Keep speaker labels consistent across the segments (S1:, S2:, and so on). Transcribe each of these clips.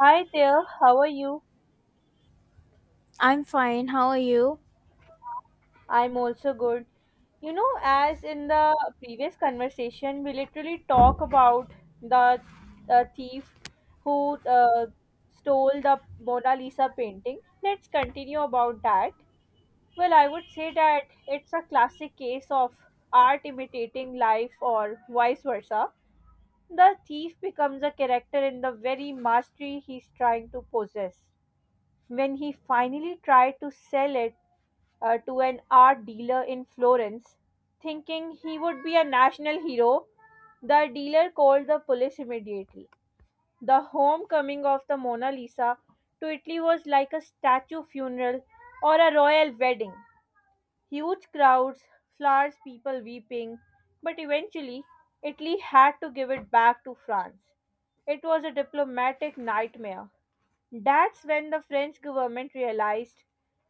S1: Hi there, how are you?
S2: I'm fine. How are you?
S1: I'm also good. You know, as in the previous conversation, we literally talk about the thief who stole the Mona Lisa painting. Let's continue about that. Well, I would say that it's a classic case of art imitating life or vice versa. The thief becomes a character in the very mastery he's trying to possess. When he finally tried to sell it, to an art dealer in Florence, thinking he would be a national hero. The dealer called the police immediately. The homecoming of the Mona Lisa to Italy was like a statue funeral or a royal wedding. Huge crowds, flowers, people weeping, but eventually Italy had to give it back to France. It was a diplomatic nightmare. That's when the French government realized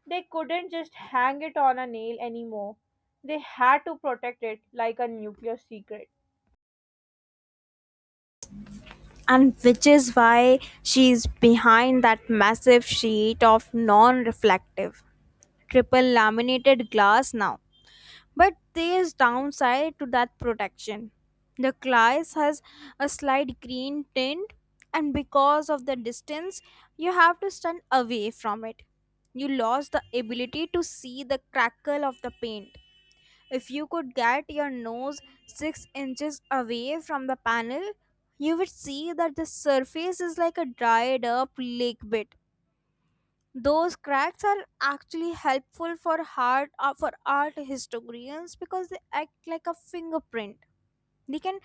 S1: they couldn't just hang it on a nail anymore. They had to protect it like a nuclear secret.
S2: And which is why she's behind that massive sheet of non reflective, triple laminated glass now. But there's downside to that protection. The glass has a slight green tint, and because of the distance, you have to stand away from it. You lost the ability to see the crackle of the paint. If you could get your nose 6 inches away from the panel, you would see that the surface is like a dried up lake bed. Those cracks are actually helpful for art historians because they act like a fingerprint. They can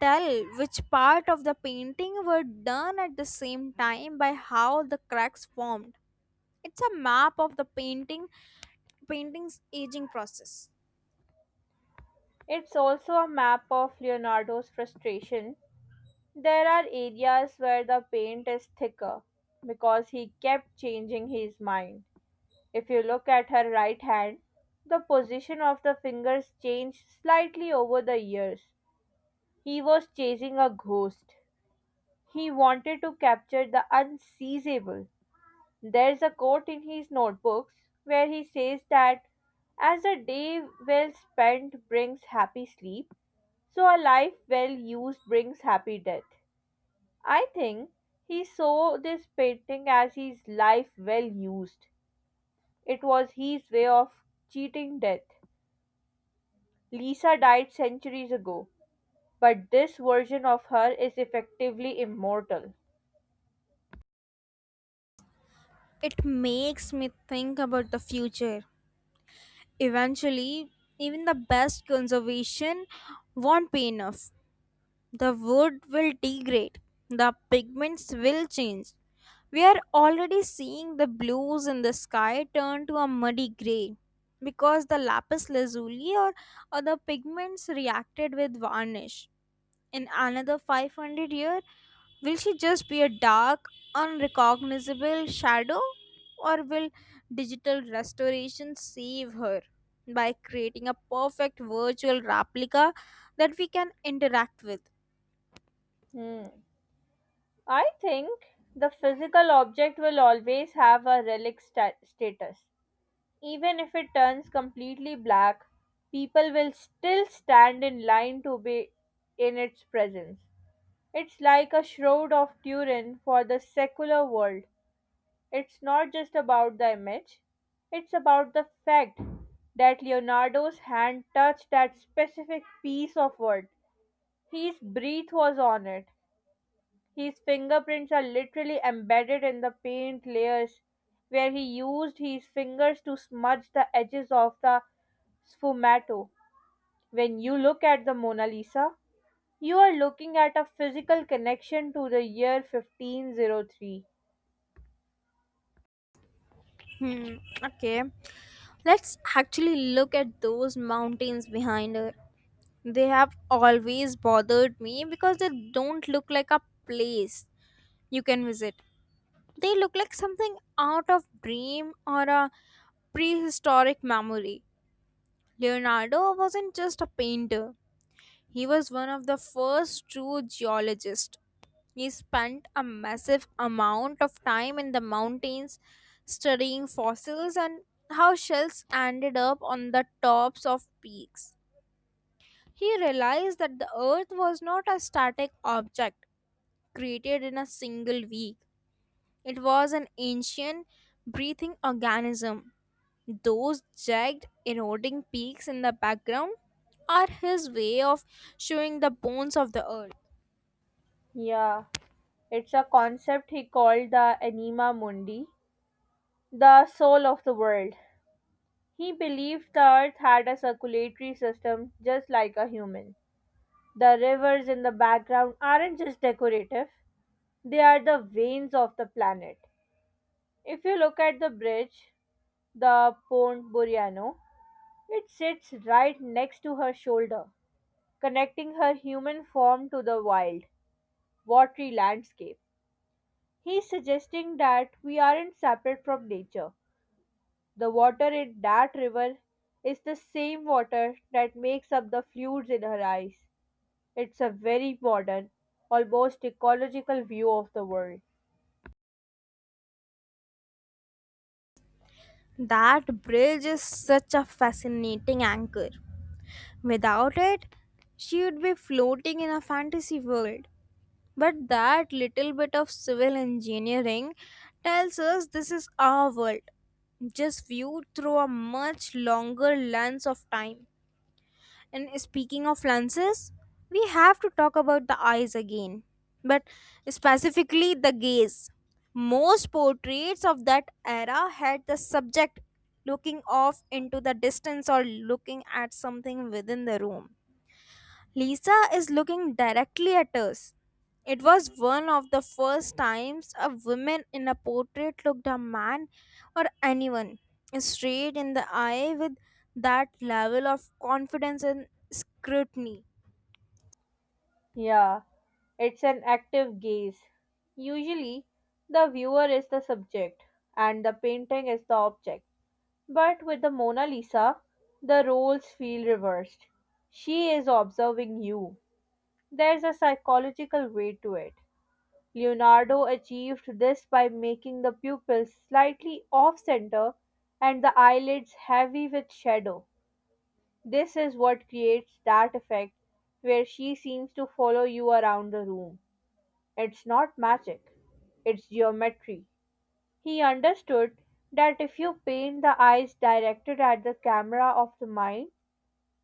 S2: tell which part of the painting were done at the same time by how the cracks formed. It's a map of the painting's aging process.
S1: It's also a map of Leonardo's frustration. There are areas where the paint is thicker because he kept changing his mind. If you look at her right hand, the position of the fingers changed slightly over the years. He was chasing a ghost. He wanted to capture the unseizable. There's a quote in his notebooks where he says that as a day well spent brings happy sleep, so a life well used brings happy death. I think he saw this painting as his life well used. It was his way of cheating death. Lisa died centuries ago, but this version of her is effectively immortal.
S2: It makes me think about the future. Eventually, even the best conservation won't be enough. The wood will degrade, the pigments will change. We are already seeing the blues in the sky turn to a muddy gray because the lapis lazuli or other pigments reacted with varnish. In another 500 years, will she just be a dark, unrecognizable shadow? Or will digital restoration save her by creating a perfect virtual replica that we can interact with?
S1: Hmm. I think the physical object will always have a relic status. Even if it turns completely black, people will still stand in line to be in its presence. It's like a shroud of Turin for the secular world. It's not just about the image, it's about the fact that Leonardo's hand touched that specific piece of wood. His breath was on it. His fingerprints are literally embedded in the paint layers where he used his fingers to smudge the edges of the sfumato. When you look at the Mona Lisa, you are looking at a physical connection to the year 1503.
S2: Hmm, okay. Let's actually look at those mountains behind her. They have always bothered me because they don't look like a place you can visit. They look like something out of dream or a prehistoric memory. Leonardo wasn't just a painter, he was one of the first true geologists. He spent a massive amount of time in the mountains studying fossils and how shells ended up on the tops of peaks. He realized that the earth was not a static object created in a single week, it was an ancient, breathing organism. Those jagged, eroding peaks in the background are his way of showing the bones of the earth.
S1: Yeah, it's a concept he called the anima mundi, the soul of the world. He believed the earth had a circulatory system just like a human. The rivers in the background aren't just decorative, they are the veins of the planet. If you look at the bridge, the Pont Buriano, it sits right next to her shoulder, connecting her human form to the wild, watery landscape. He's suggesting that we aren't separate from nature. The water in that river is the same water that makes up the fluids in her eyes. It's a very modern, almost ecological view of the world.
S2: That bridge is such a fascinating anchor. Without it, she would be floating in a fantasy world. But that little bit of civil engineering tells us this is our world, just viewed through a much longer lens of time. And speaking of lenses, we have to talk about the eyes again, but specifically the gaze. Most portraits of that era had the subject looking off into the distance or looking at something within the room. Lisa is looking directly at us. It was one of the first times a woman in a portrait looked a man, or anyone, straight in the eye with that level of confidence and scrutiny.
S1: Yeah, it's an active gaze. Usually, the viewer is the subject and the painting is the object. But with the Mona Lisa, the roles feel reversed. She is observing you. There's a psychological way to it. Leonardo achieved this by making the pupils slightly off center and the eyelids heavy with shadow. This is what creates that effect where she seems to follow you around the room. It's not magic, it's geometry. He understood that if you paint the eyes directed at the camera of the mind,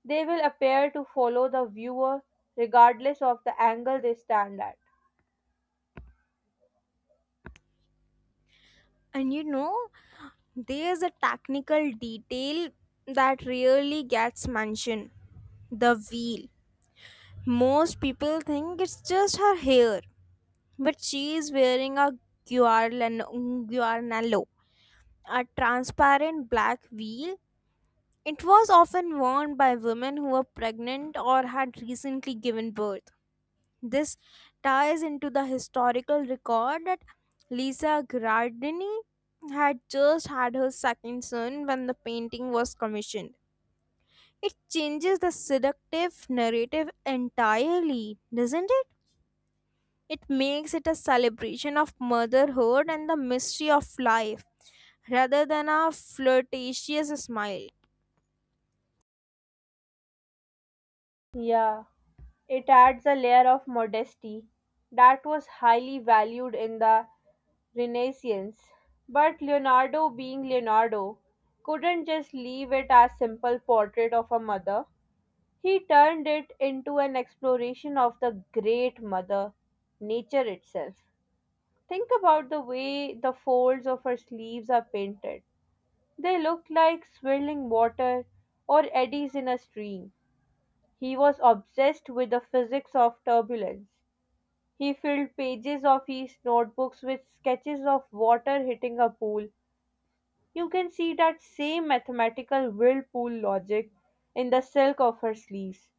S1: they will appear to follow the viewer regardless of the angle they stand at.
S2: And you know, there's a technical detail that really gets mentioned, the veil. Most people think it's just her hair, but she is wearing a guarnallo, a transparent black veil. It was often worn by women who were pregnant or had recently given birth. This ties into the historical record that Lisa Gradini had just had her second son when the painting was commissioned. It changes the seductive narrative entirely, doesn't it? It makes it a celebration of motherhood and the mystery of life rather than a flirtatious smile.
S1: Yeah, it adds a layer of modesty that was highly valued in the Renaissance. But Leonardo, being Leonardo, couldn't just leave it as simple portrait of a mother. He turned it into an exploration of the great mother, nature itself. Think about the way the folds of her sleeves are painted. They look like swirling water or eddies in a stream. He was obsessed with the physics of turbulence. He filled pages of his notebooks with sketches of water hitting a pool. You can see that same mathematical whirlpool logic in the silk of her sleeves.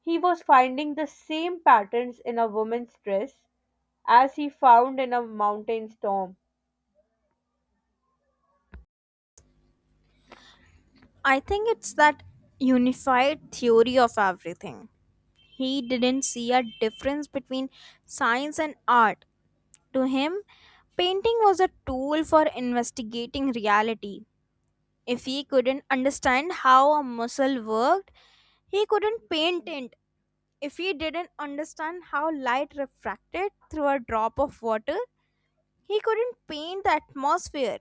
S1: He was finding the same patterns in a woman's dress as he found in a mountain storm.
S2: I think it's that unified theory of everything. He didn't see a difference between science and art. To him, painting was a tool for investigating reality. If he couldn't understand how a muscle worked, he couldn't paint it. If he didn't understand how light refracted through a drop of water, he couldn't paint the atmosphere.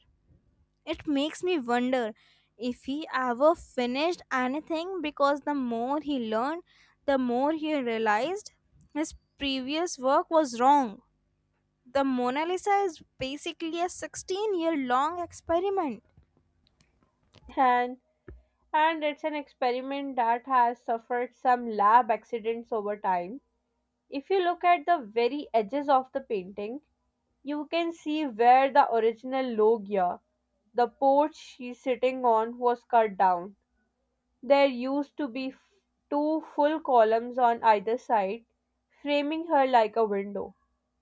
S2: It makes me wonder if he ever finished anything, because the more he learned, the more he realized his previous work was wrong. The Mona Lisa is basically a 16-year long experiment.
S1: And, and it's an experiment that has suffered some lab accidents over time. If you look at the very edges of the painting, you can see where the original loggia, the porch she's sitting on, was cut down. There used to be two full columns on either side, framing her like a window.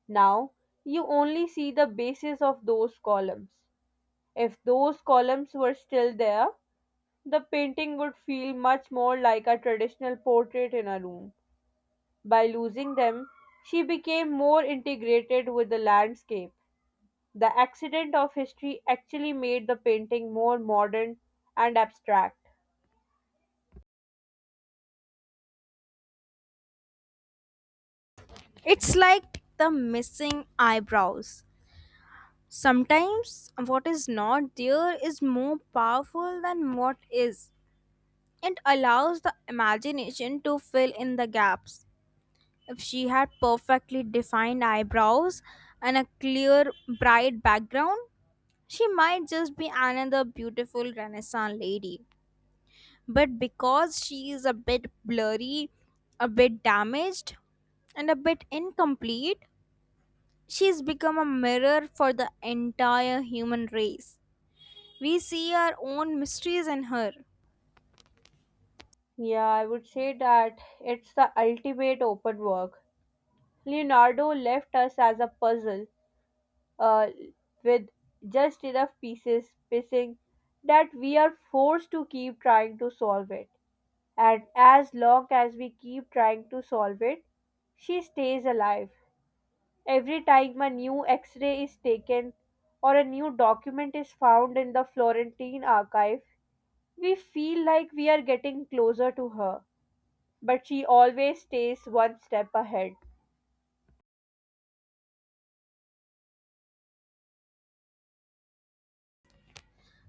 S1: Now you only see the bases of those columns. If those columns were still there, the painting would feel much more like a traditional portrait in a room. By losing them, she became more integrated with the landscape. The accident of history actually made the painting more modern and abstract.
S2: It's like the missing eyebrows. Sometimes what is not there is more powerful than what is. It allows the imagination to fill in the gaps. If she had perfectly defined eyebrows and a clear, bright background, she might just be another beautiful Renaissance lady. But because she is a bit blurry, a bit damaged, and a bit incomplete, she's become a mirror for the entire human race. We see our own mysteries in her.
S1: Yeah, I would say that it's the ultimate open work. Leonardo left us as a puzzle uh, with just enough pieces missing that we are forced to keep trying to solve it. And as long as we keep trying to solve it, she stays alive. Every time a new x ray is taken or a new document is found in the Florentine archive, we feel like we are getting closer to her, but she always stays one step ahead.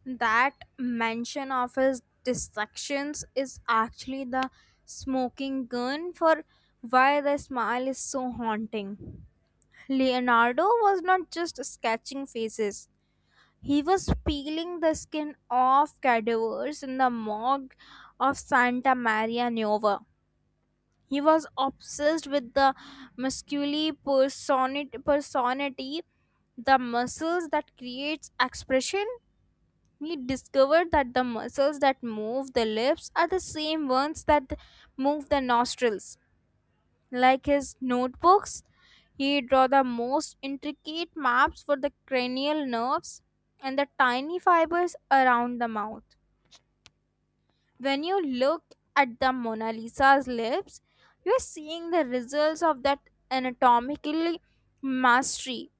S2: That mention of his distractions is actually the smoking gun for why the smile is so haunting. Leonardo was not just sketching faces, he was peeling the skin off cadavers in the morgue of Santa Maria Nuova. He was obsessed with the personity, the muscles that creates expression. He discovered that the muscles that move the lips are the same ones that move the nostrils. Like his notebooks, he drew the most intricate maps for the cranial nerves and the tiny fibers around the mouth. When you look at the Mona Lisa's lips, you are seeing the results of that anatomical mastery.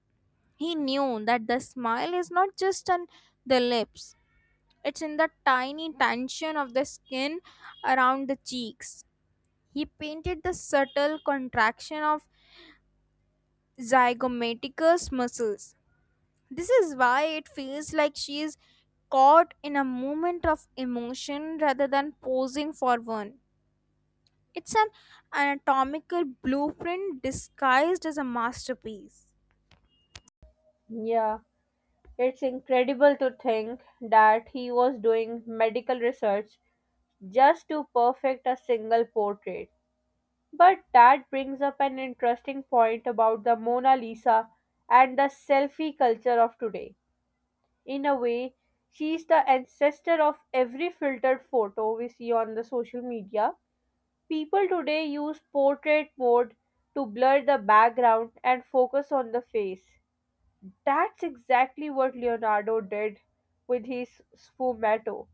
S2: He knew that the smile is not just on the lips, it's in the tiny tension of the skin around the cheeks. He painted the subtle contraction of zygomaticus muscles. This is why it feels like she is caught in a moment of emotion rather than posing for one. It's an anatomical blueprint disguised as a masterpiece.
S1: Yeah, it's incredible to think that he was doing medical research just to perfect a single portrait. But that brings up an interesting point about the Mona Lisa and the selfie culture of today. In a way, she is the ancestor of every filtered photo we see on the social media. People today use portrait mode to blur the background and focus on the face. That's exactly what Leonardo did with his sfumato.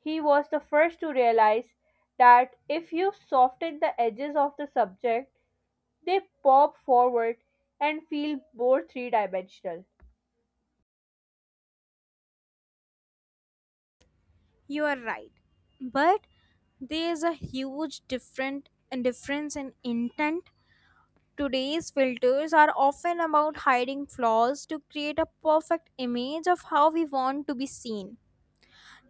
S1: He was the first to realize that if you soften the edges of the subject, they pop forward and feel more three dimensional.
S2: You are right. But there is a huge different difference in intent. Today's filters are often about hiding flaws to create a perfect image of how we want to be seen.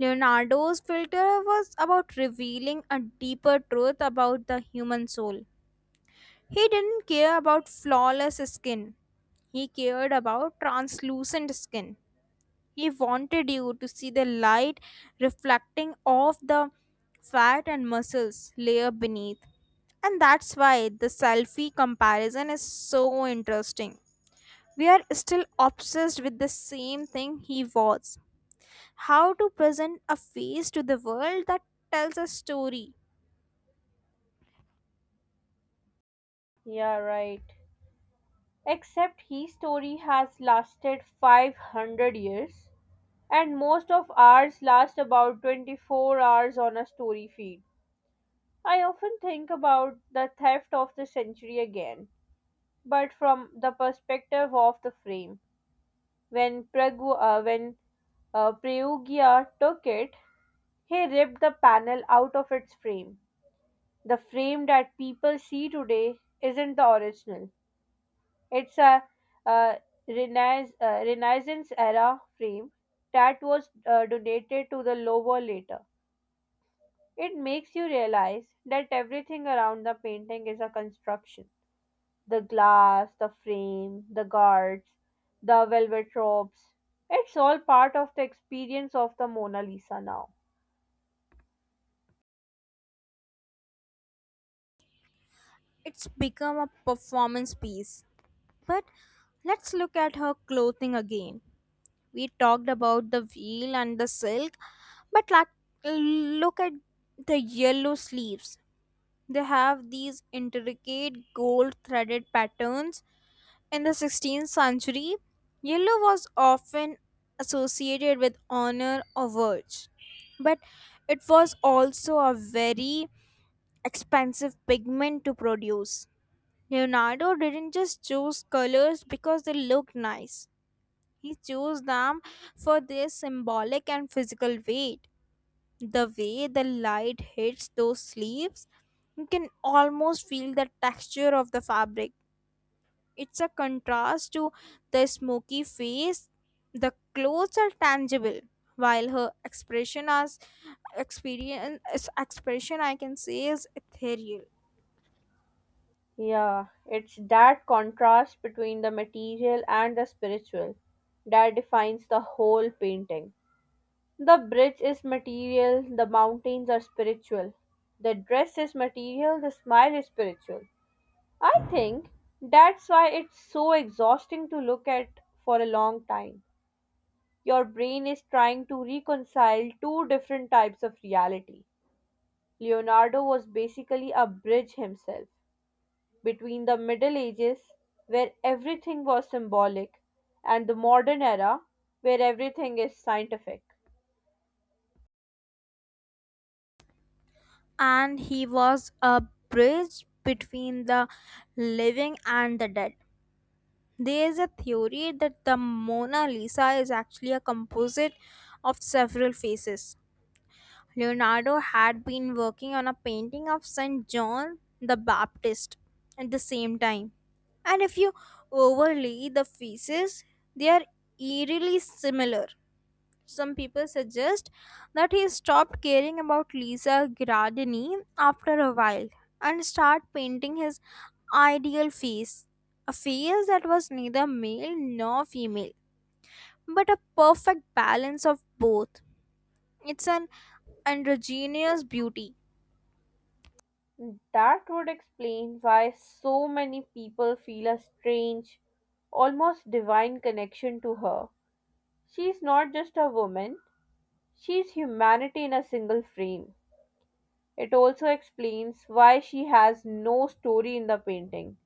S2: Leonardo's filter was about revealing a deeper truth about the human soul. He didn't care about flawless skin, he cared about translucent skin. He wanted you to see the light reflecting off the fat and muscles layer beneath. And that's why the selfie comparison is so interesting. We are still obsessed with the same thing he was: how to present a face to the world that tells a story.
S1: Yeah, right. Except his story has lasted 500 years, and most of ours last about 24 hours on a story feed. I often think about the theft of the century again, but from the perspective of the frame. When Prayugya took it, he ripped the panel out of its frame. The frame that people see today isn't the original. It's a uh, Renaissance era frame that was donated to the Louvre later. It makes you realize that everything around the painting is a construction. The glass, the frame, the guards, the velvet ropes. It's all part of the experience of the Mona Lisa now.
S2: It's become a performance piece. But let's look at her clothing again. We talked about the veil and the silk, but like, look at the yellow sleeves. They have these intricate gold threaded patterns. In the 16th century, yellow was often associated with honor or virtue, but it was also a very expensive pigment to produce. Leonardo didn't just choose colors because they look nice. He chose them for their symbolic and physical weight. The way the light hits those leaves, you can almost feel the texture of the fabric. It's a contrast to the smoky face. The clothes are tangible, while her expression, I can say, is ethereal.
S1: Yeah, it's that contrast between the material and the spiritual that defines the whole painting. The bridge is material, the mountains are spiritual. The dress is material, the smile is spiritual. I think that's why it's so exhausting to look at for a long time. Your brain is trying to reconcile two different types of reality. Leonardo was basically a bridge himself between the Middle Ages, where everything was symbolic, and the modern era, where everything is scientific.
S2: And he was a bridge between the living and the dead. There is a theory that the Mona Lisa is actually a composite of several faces. Leonardo had been working on a painting of St. John the Baptist at the same time. And if you overlay the faces, they are eerily similar. Some people suggest that he stopped caring about Lisa Gradini after a while and started painting his ideal face, a face that was neither male nor female, but a perfect balance of both. It's an androgynous beauty,
S1: That would explain why so many people feel a strange, almost divine connection to her. She's not just a woman, she's humanity in a single frame. It also explains why she has no story in the painting.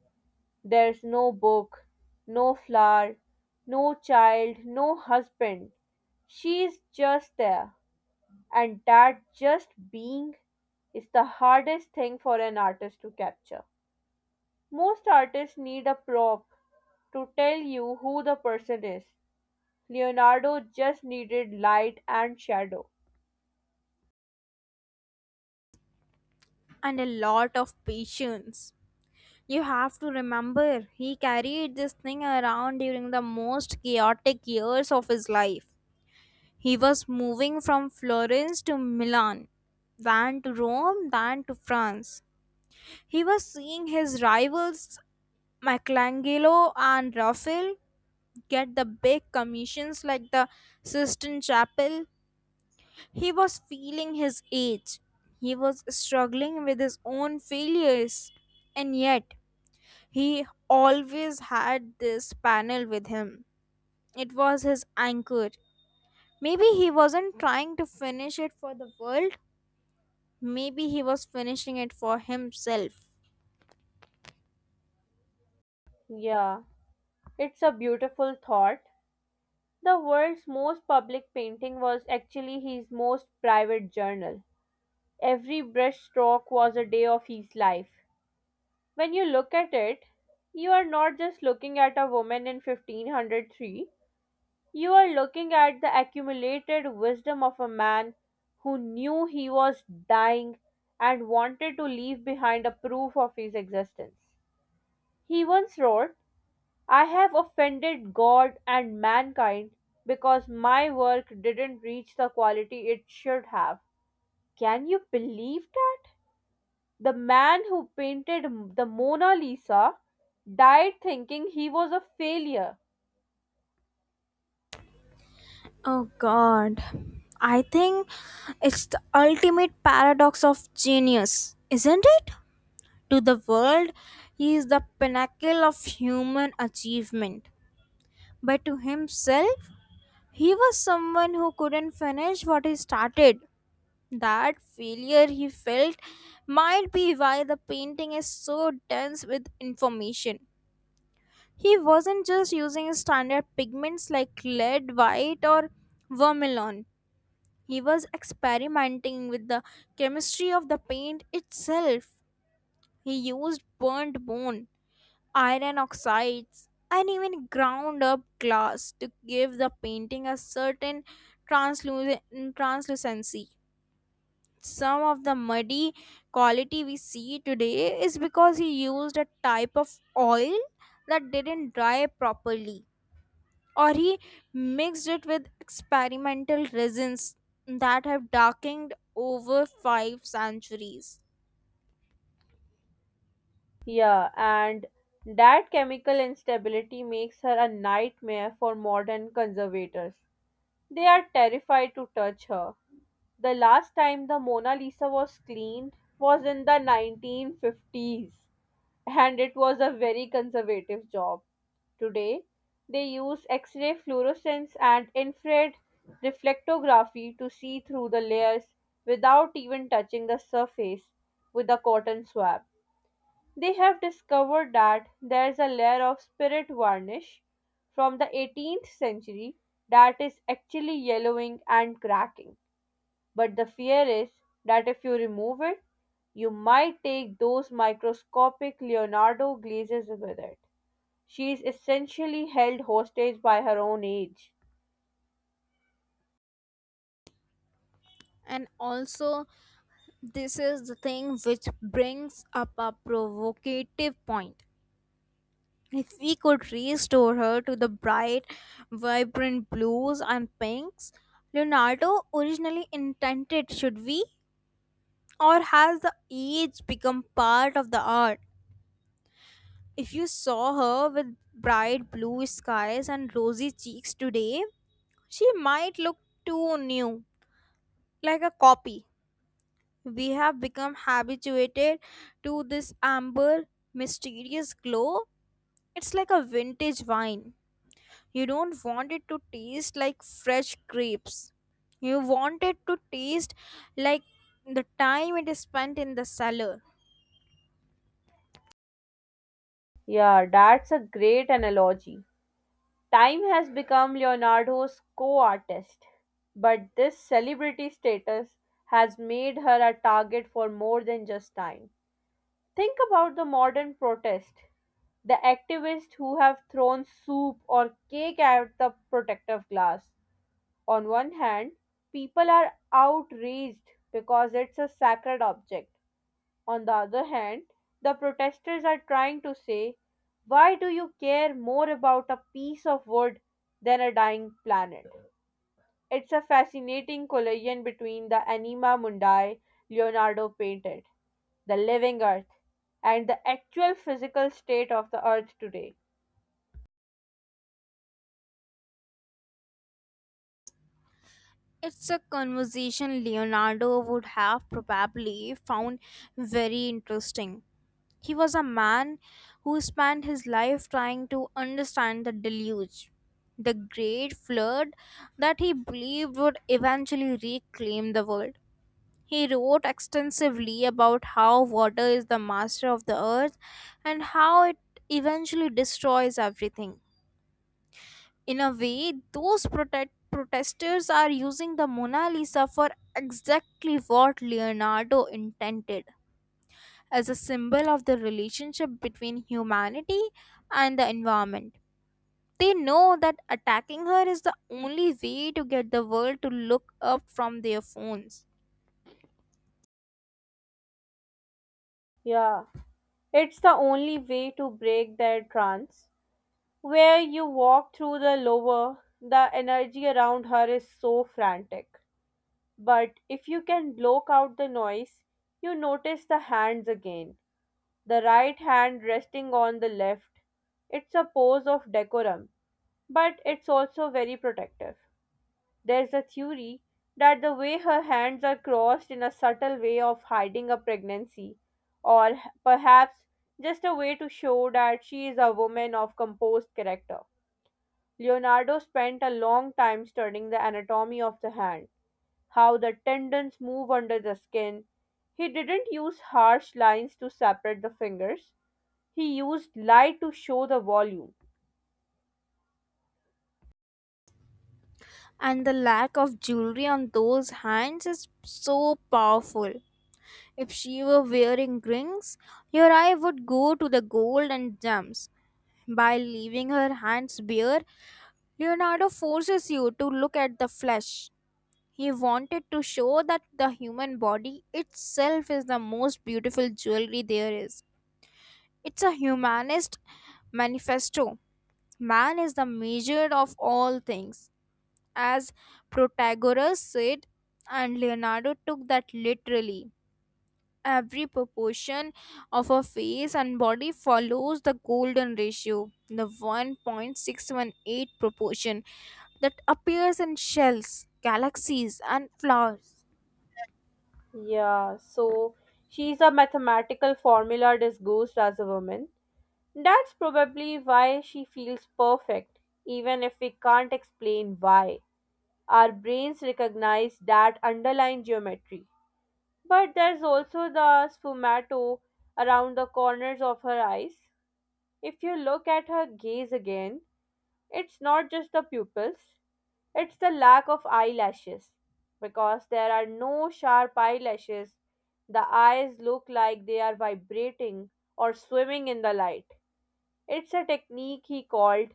S1: There's no book, no flower, no child, no husband. She's just there. And that just being is the hardest thing for an artist to capture. Most artists need a prop to tell you who the person is. Leonardo just needed light and shadow.
S2: and a lot of patience. You have to remember, he carried this thing around during the most chaotic years of his life. He was moving from Florence to Milan, then to Rome, then to France. He was seeing his rivals Michelangelo and Raphael get the big commissions like the Sistine Chapel. He was feeling his age. He was struggling with his own failures. And yet, he always had this panel with him. It was his anchor. Maybe he wasn't trying to finish it for the world, maybe he was finishing it for himself.
S1: Yeah, it's a beautiful thought. The world's most public painting was actually his most private journal. Every brushstroke was a day of his life. When you look at it, you are not just looking at a woman in 1503, you are looking at the accumulated wisdom of a man who knew he was dying and wanted to leave behind a proof of his existence. He once wrote, I have offended God and mankind because my work didn't reach the quality it should have. Can you believe that? The man who painted the Mona Lisa died thinking he was a failure.
S2: Oh god. I think it's the ultimate paradox of genius, isn't it? To the world, he is the pinnacle of human achievement. But to himself, he was someone who couldn't finish what he started. That failure he felt might be why the painting is so dense with information. He wasn't just using standard pigments like lead, white, or vermilion. He was experimenting with the chemistry of the paint itself. He used burnt bone, iron oxides, and even ground up glass to give the painting a certain transluc- translucency. Some of the muddy quality we see today is because he used a type of oil that didn't dry properly, or he mixed it with experimental resins that have darkened over 5 centuries.
S1: Yeah, and that chemical instability makes her a nightmare for modern conservators. They are terrified to touch her. The last time the Mona Lisa was cleaned was in the 1950s, and it was a very conservative job. Today, they use X ray fluorescence and infrared reflectography to see through the layers without even touching the surface with a cotton swab. They have discovered that there's a layer of spirit varnish from the 18th century that is actually yellowing and cracking. But the fear is that if you remove it, you might take those microscopic Leonardo glazes with it. She is essentially held hostage by her own age.
S2: And also, this is the thing which brings up a provocative point. If we could restore her to the bright, vibrant blues and pinks Leonardo originally intended, should we? Or has the age become part of the art? If you saw her with bright blue skies and rosy cheeks today, she might look too new, like a copy. We have become habituated to this amber, mysterious glow. It's like a vintage wine. You don't want it to taste like fresh grapes. You want it to taste like the time it is spent in the cellar.
S1: Yeah, that's a great analogy. Time has become Leonardo's co artist, but this celebrity status has made her a target for more than just time. Think about the modern protest the activists who have thrown soup or cake at the protective glass. On one hand, people are outraged because it's a sacred object. On the other hand, the protesters are trying to say, why do you care more about a piece of wood than a dying planet? It's a fascinating collision between the anima mundi Leonardo painted, the living earth, and the actual physical state of the earth today.
S2: It's a conversation Leonardo would have probably found very interesting. He was a man who spent his life trying to understand the deluge, the great flood that he believed would eventually reclaim the world. He wrote extensively about how water is the master of the earth and how it eventually destroys everything. In a way, those protect protesters are using the Mona Lisa for exactly what Leonardo intended, as a symbol of the relationship between humanity and the environment. They know that attacking her is the only way to get the world to look up from their phones.
S1: Yeah, it's the only way to break their trance. Where you walk through the lower, the energy around her is so frantic. But if you can block out the noise, you notice the hands again. The right hand resting on the left. It's a pose of decorum, but it's also very protective. There's a theory that the way her hands are crossed in a subtle way of hiding a pregnancy, or perhaps just a way to show that she is a woman of composed character. Leonardo spent a long time studying the anatomy of the hand, how the tendons move under the skin. He didn't use harsh lines to separate the fingers, he used light to show the volume.
S2: And the lack of jewelry on those hands is so powerful. If she were wearing rings, your eye would go to the gold and gems. By leaving her hands bare, Leonardo forces you to look at the flesh. He wanted to show that the human body itself is the most beautiful jewelry there is. It's a humanist manifesto. Man is the measure of all things, as Protagoras said, and Leonardo took that literally. Every proportion of her face and body follows the golden ratio, the 1.618 proportion that appears in shells, galaxies, and flowers.
S1: Yeah, so she's a mathematical formula disguised as a woman. That's probably why she feels perfect, even if we can't explain why. Our brains recognize that underlying geometry. But there's also the sfumato around the corners of her eyes. If you look at her gaze again, it's not just the pupils, it's the lack of eyelashes. Because there are no sharp eyelashes, the eyes look like they are vibrating or swimming in the light. It's a technique he called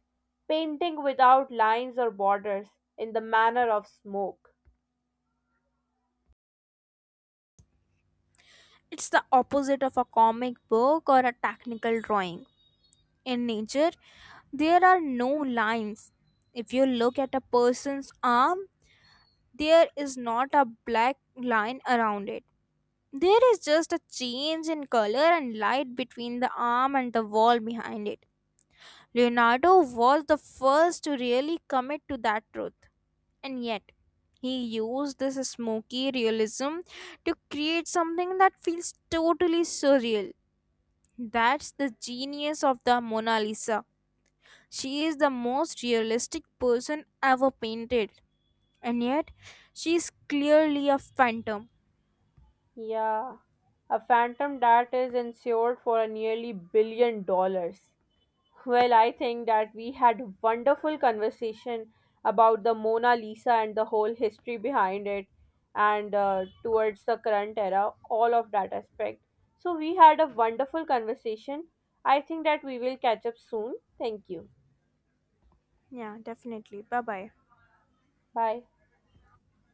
S1: painting without lines or borders in the manner of smoke.
S2: It's the opposite of a comic book or a technical drawing. In nature, there are no lines. If you look at a person's arm, there is not a black line around it. There is just a change in color and light between the arm and the wall behind it. Leonardo was the first to really commit to that truth, and yet he used this smoky realism to create something that feels totally surreal. That's the genius of the Mona Lisa. She is the most realistic person ever painted, and yet she is clearly a phantom.
S1: Yeah, a phantom that is insured for a nearly $1 billion. Well, I think that we had wonderful conversation about the Mona Lisa and the whole history behind it and towards the current era, all of that aspect. So we had a wonderful conversation. I think that we will catch up soon. Thank you.
S2: Yeah, definitely. Bye bye.
S1: Bye.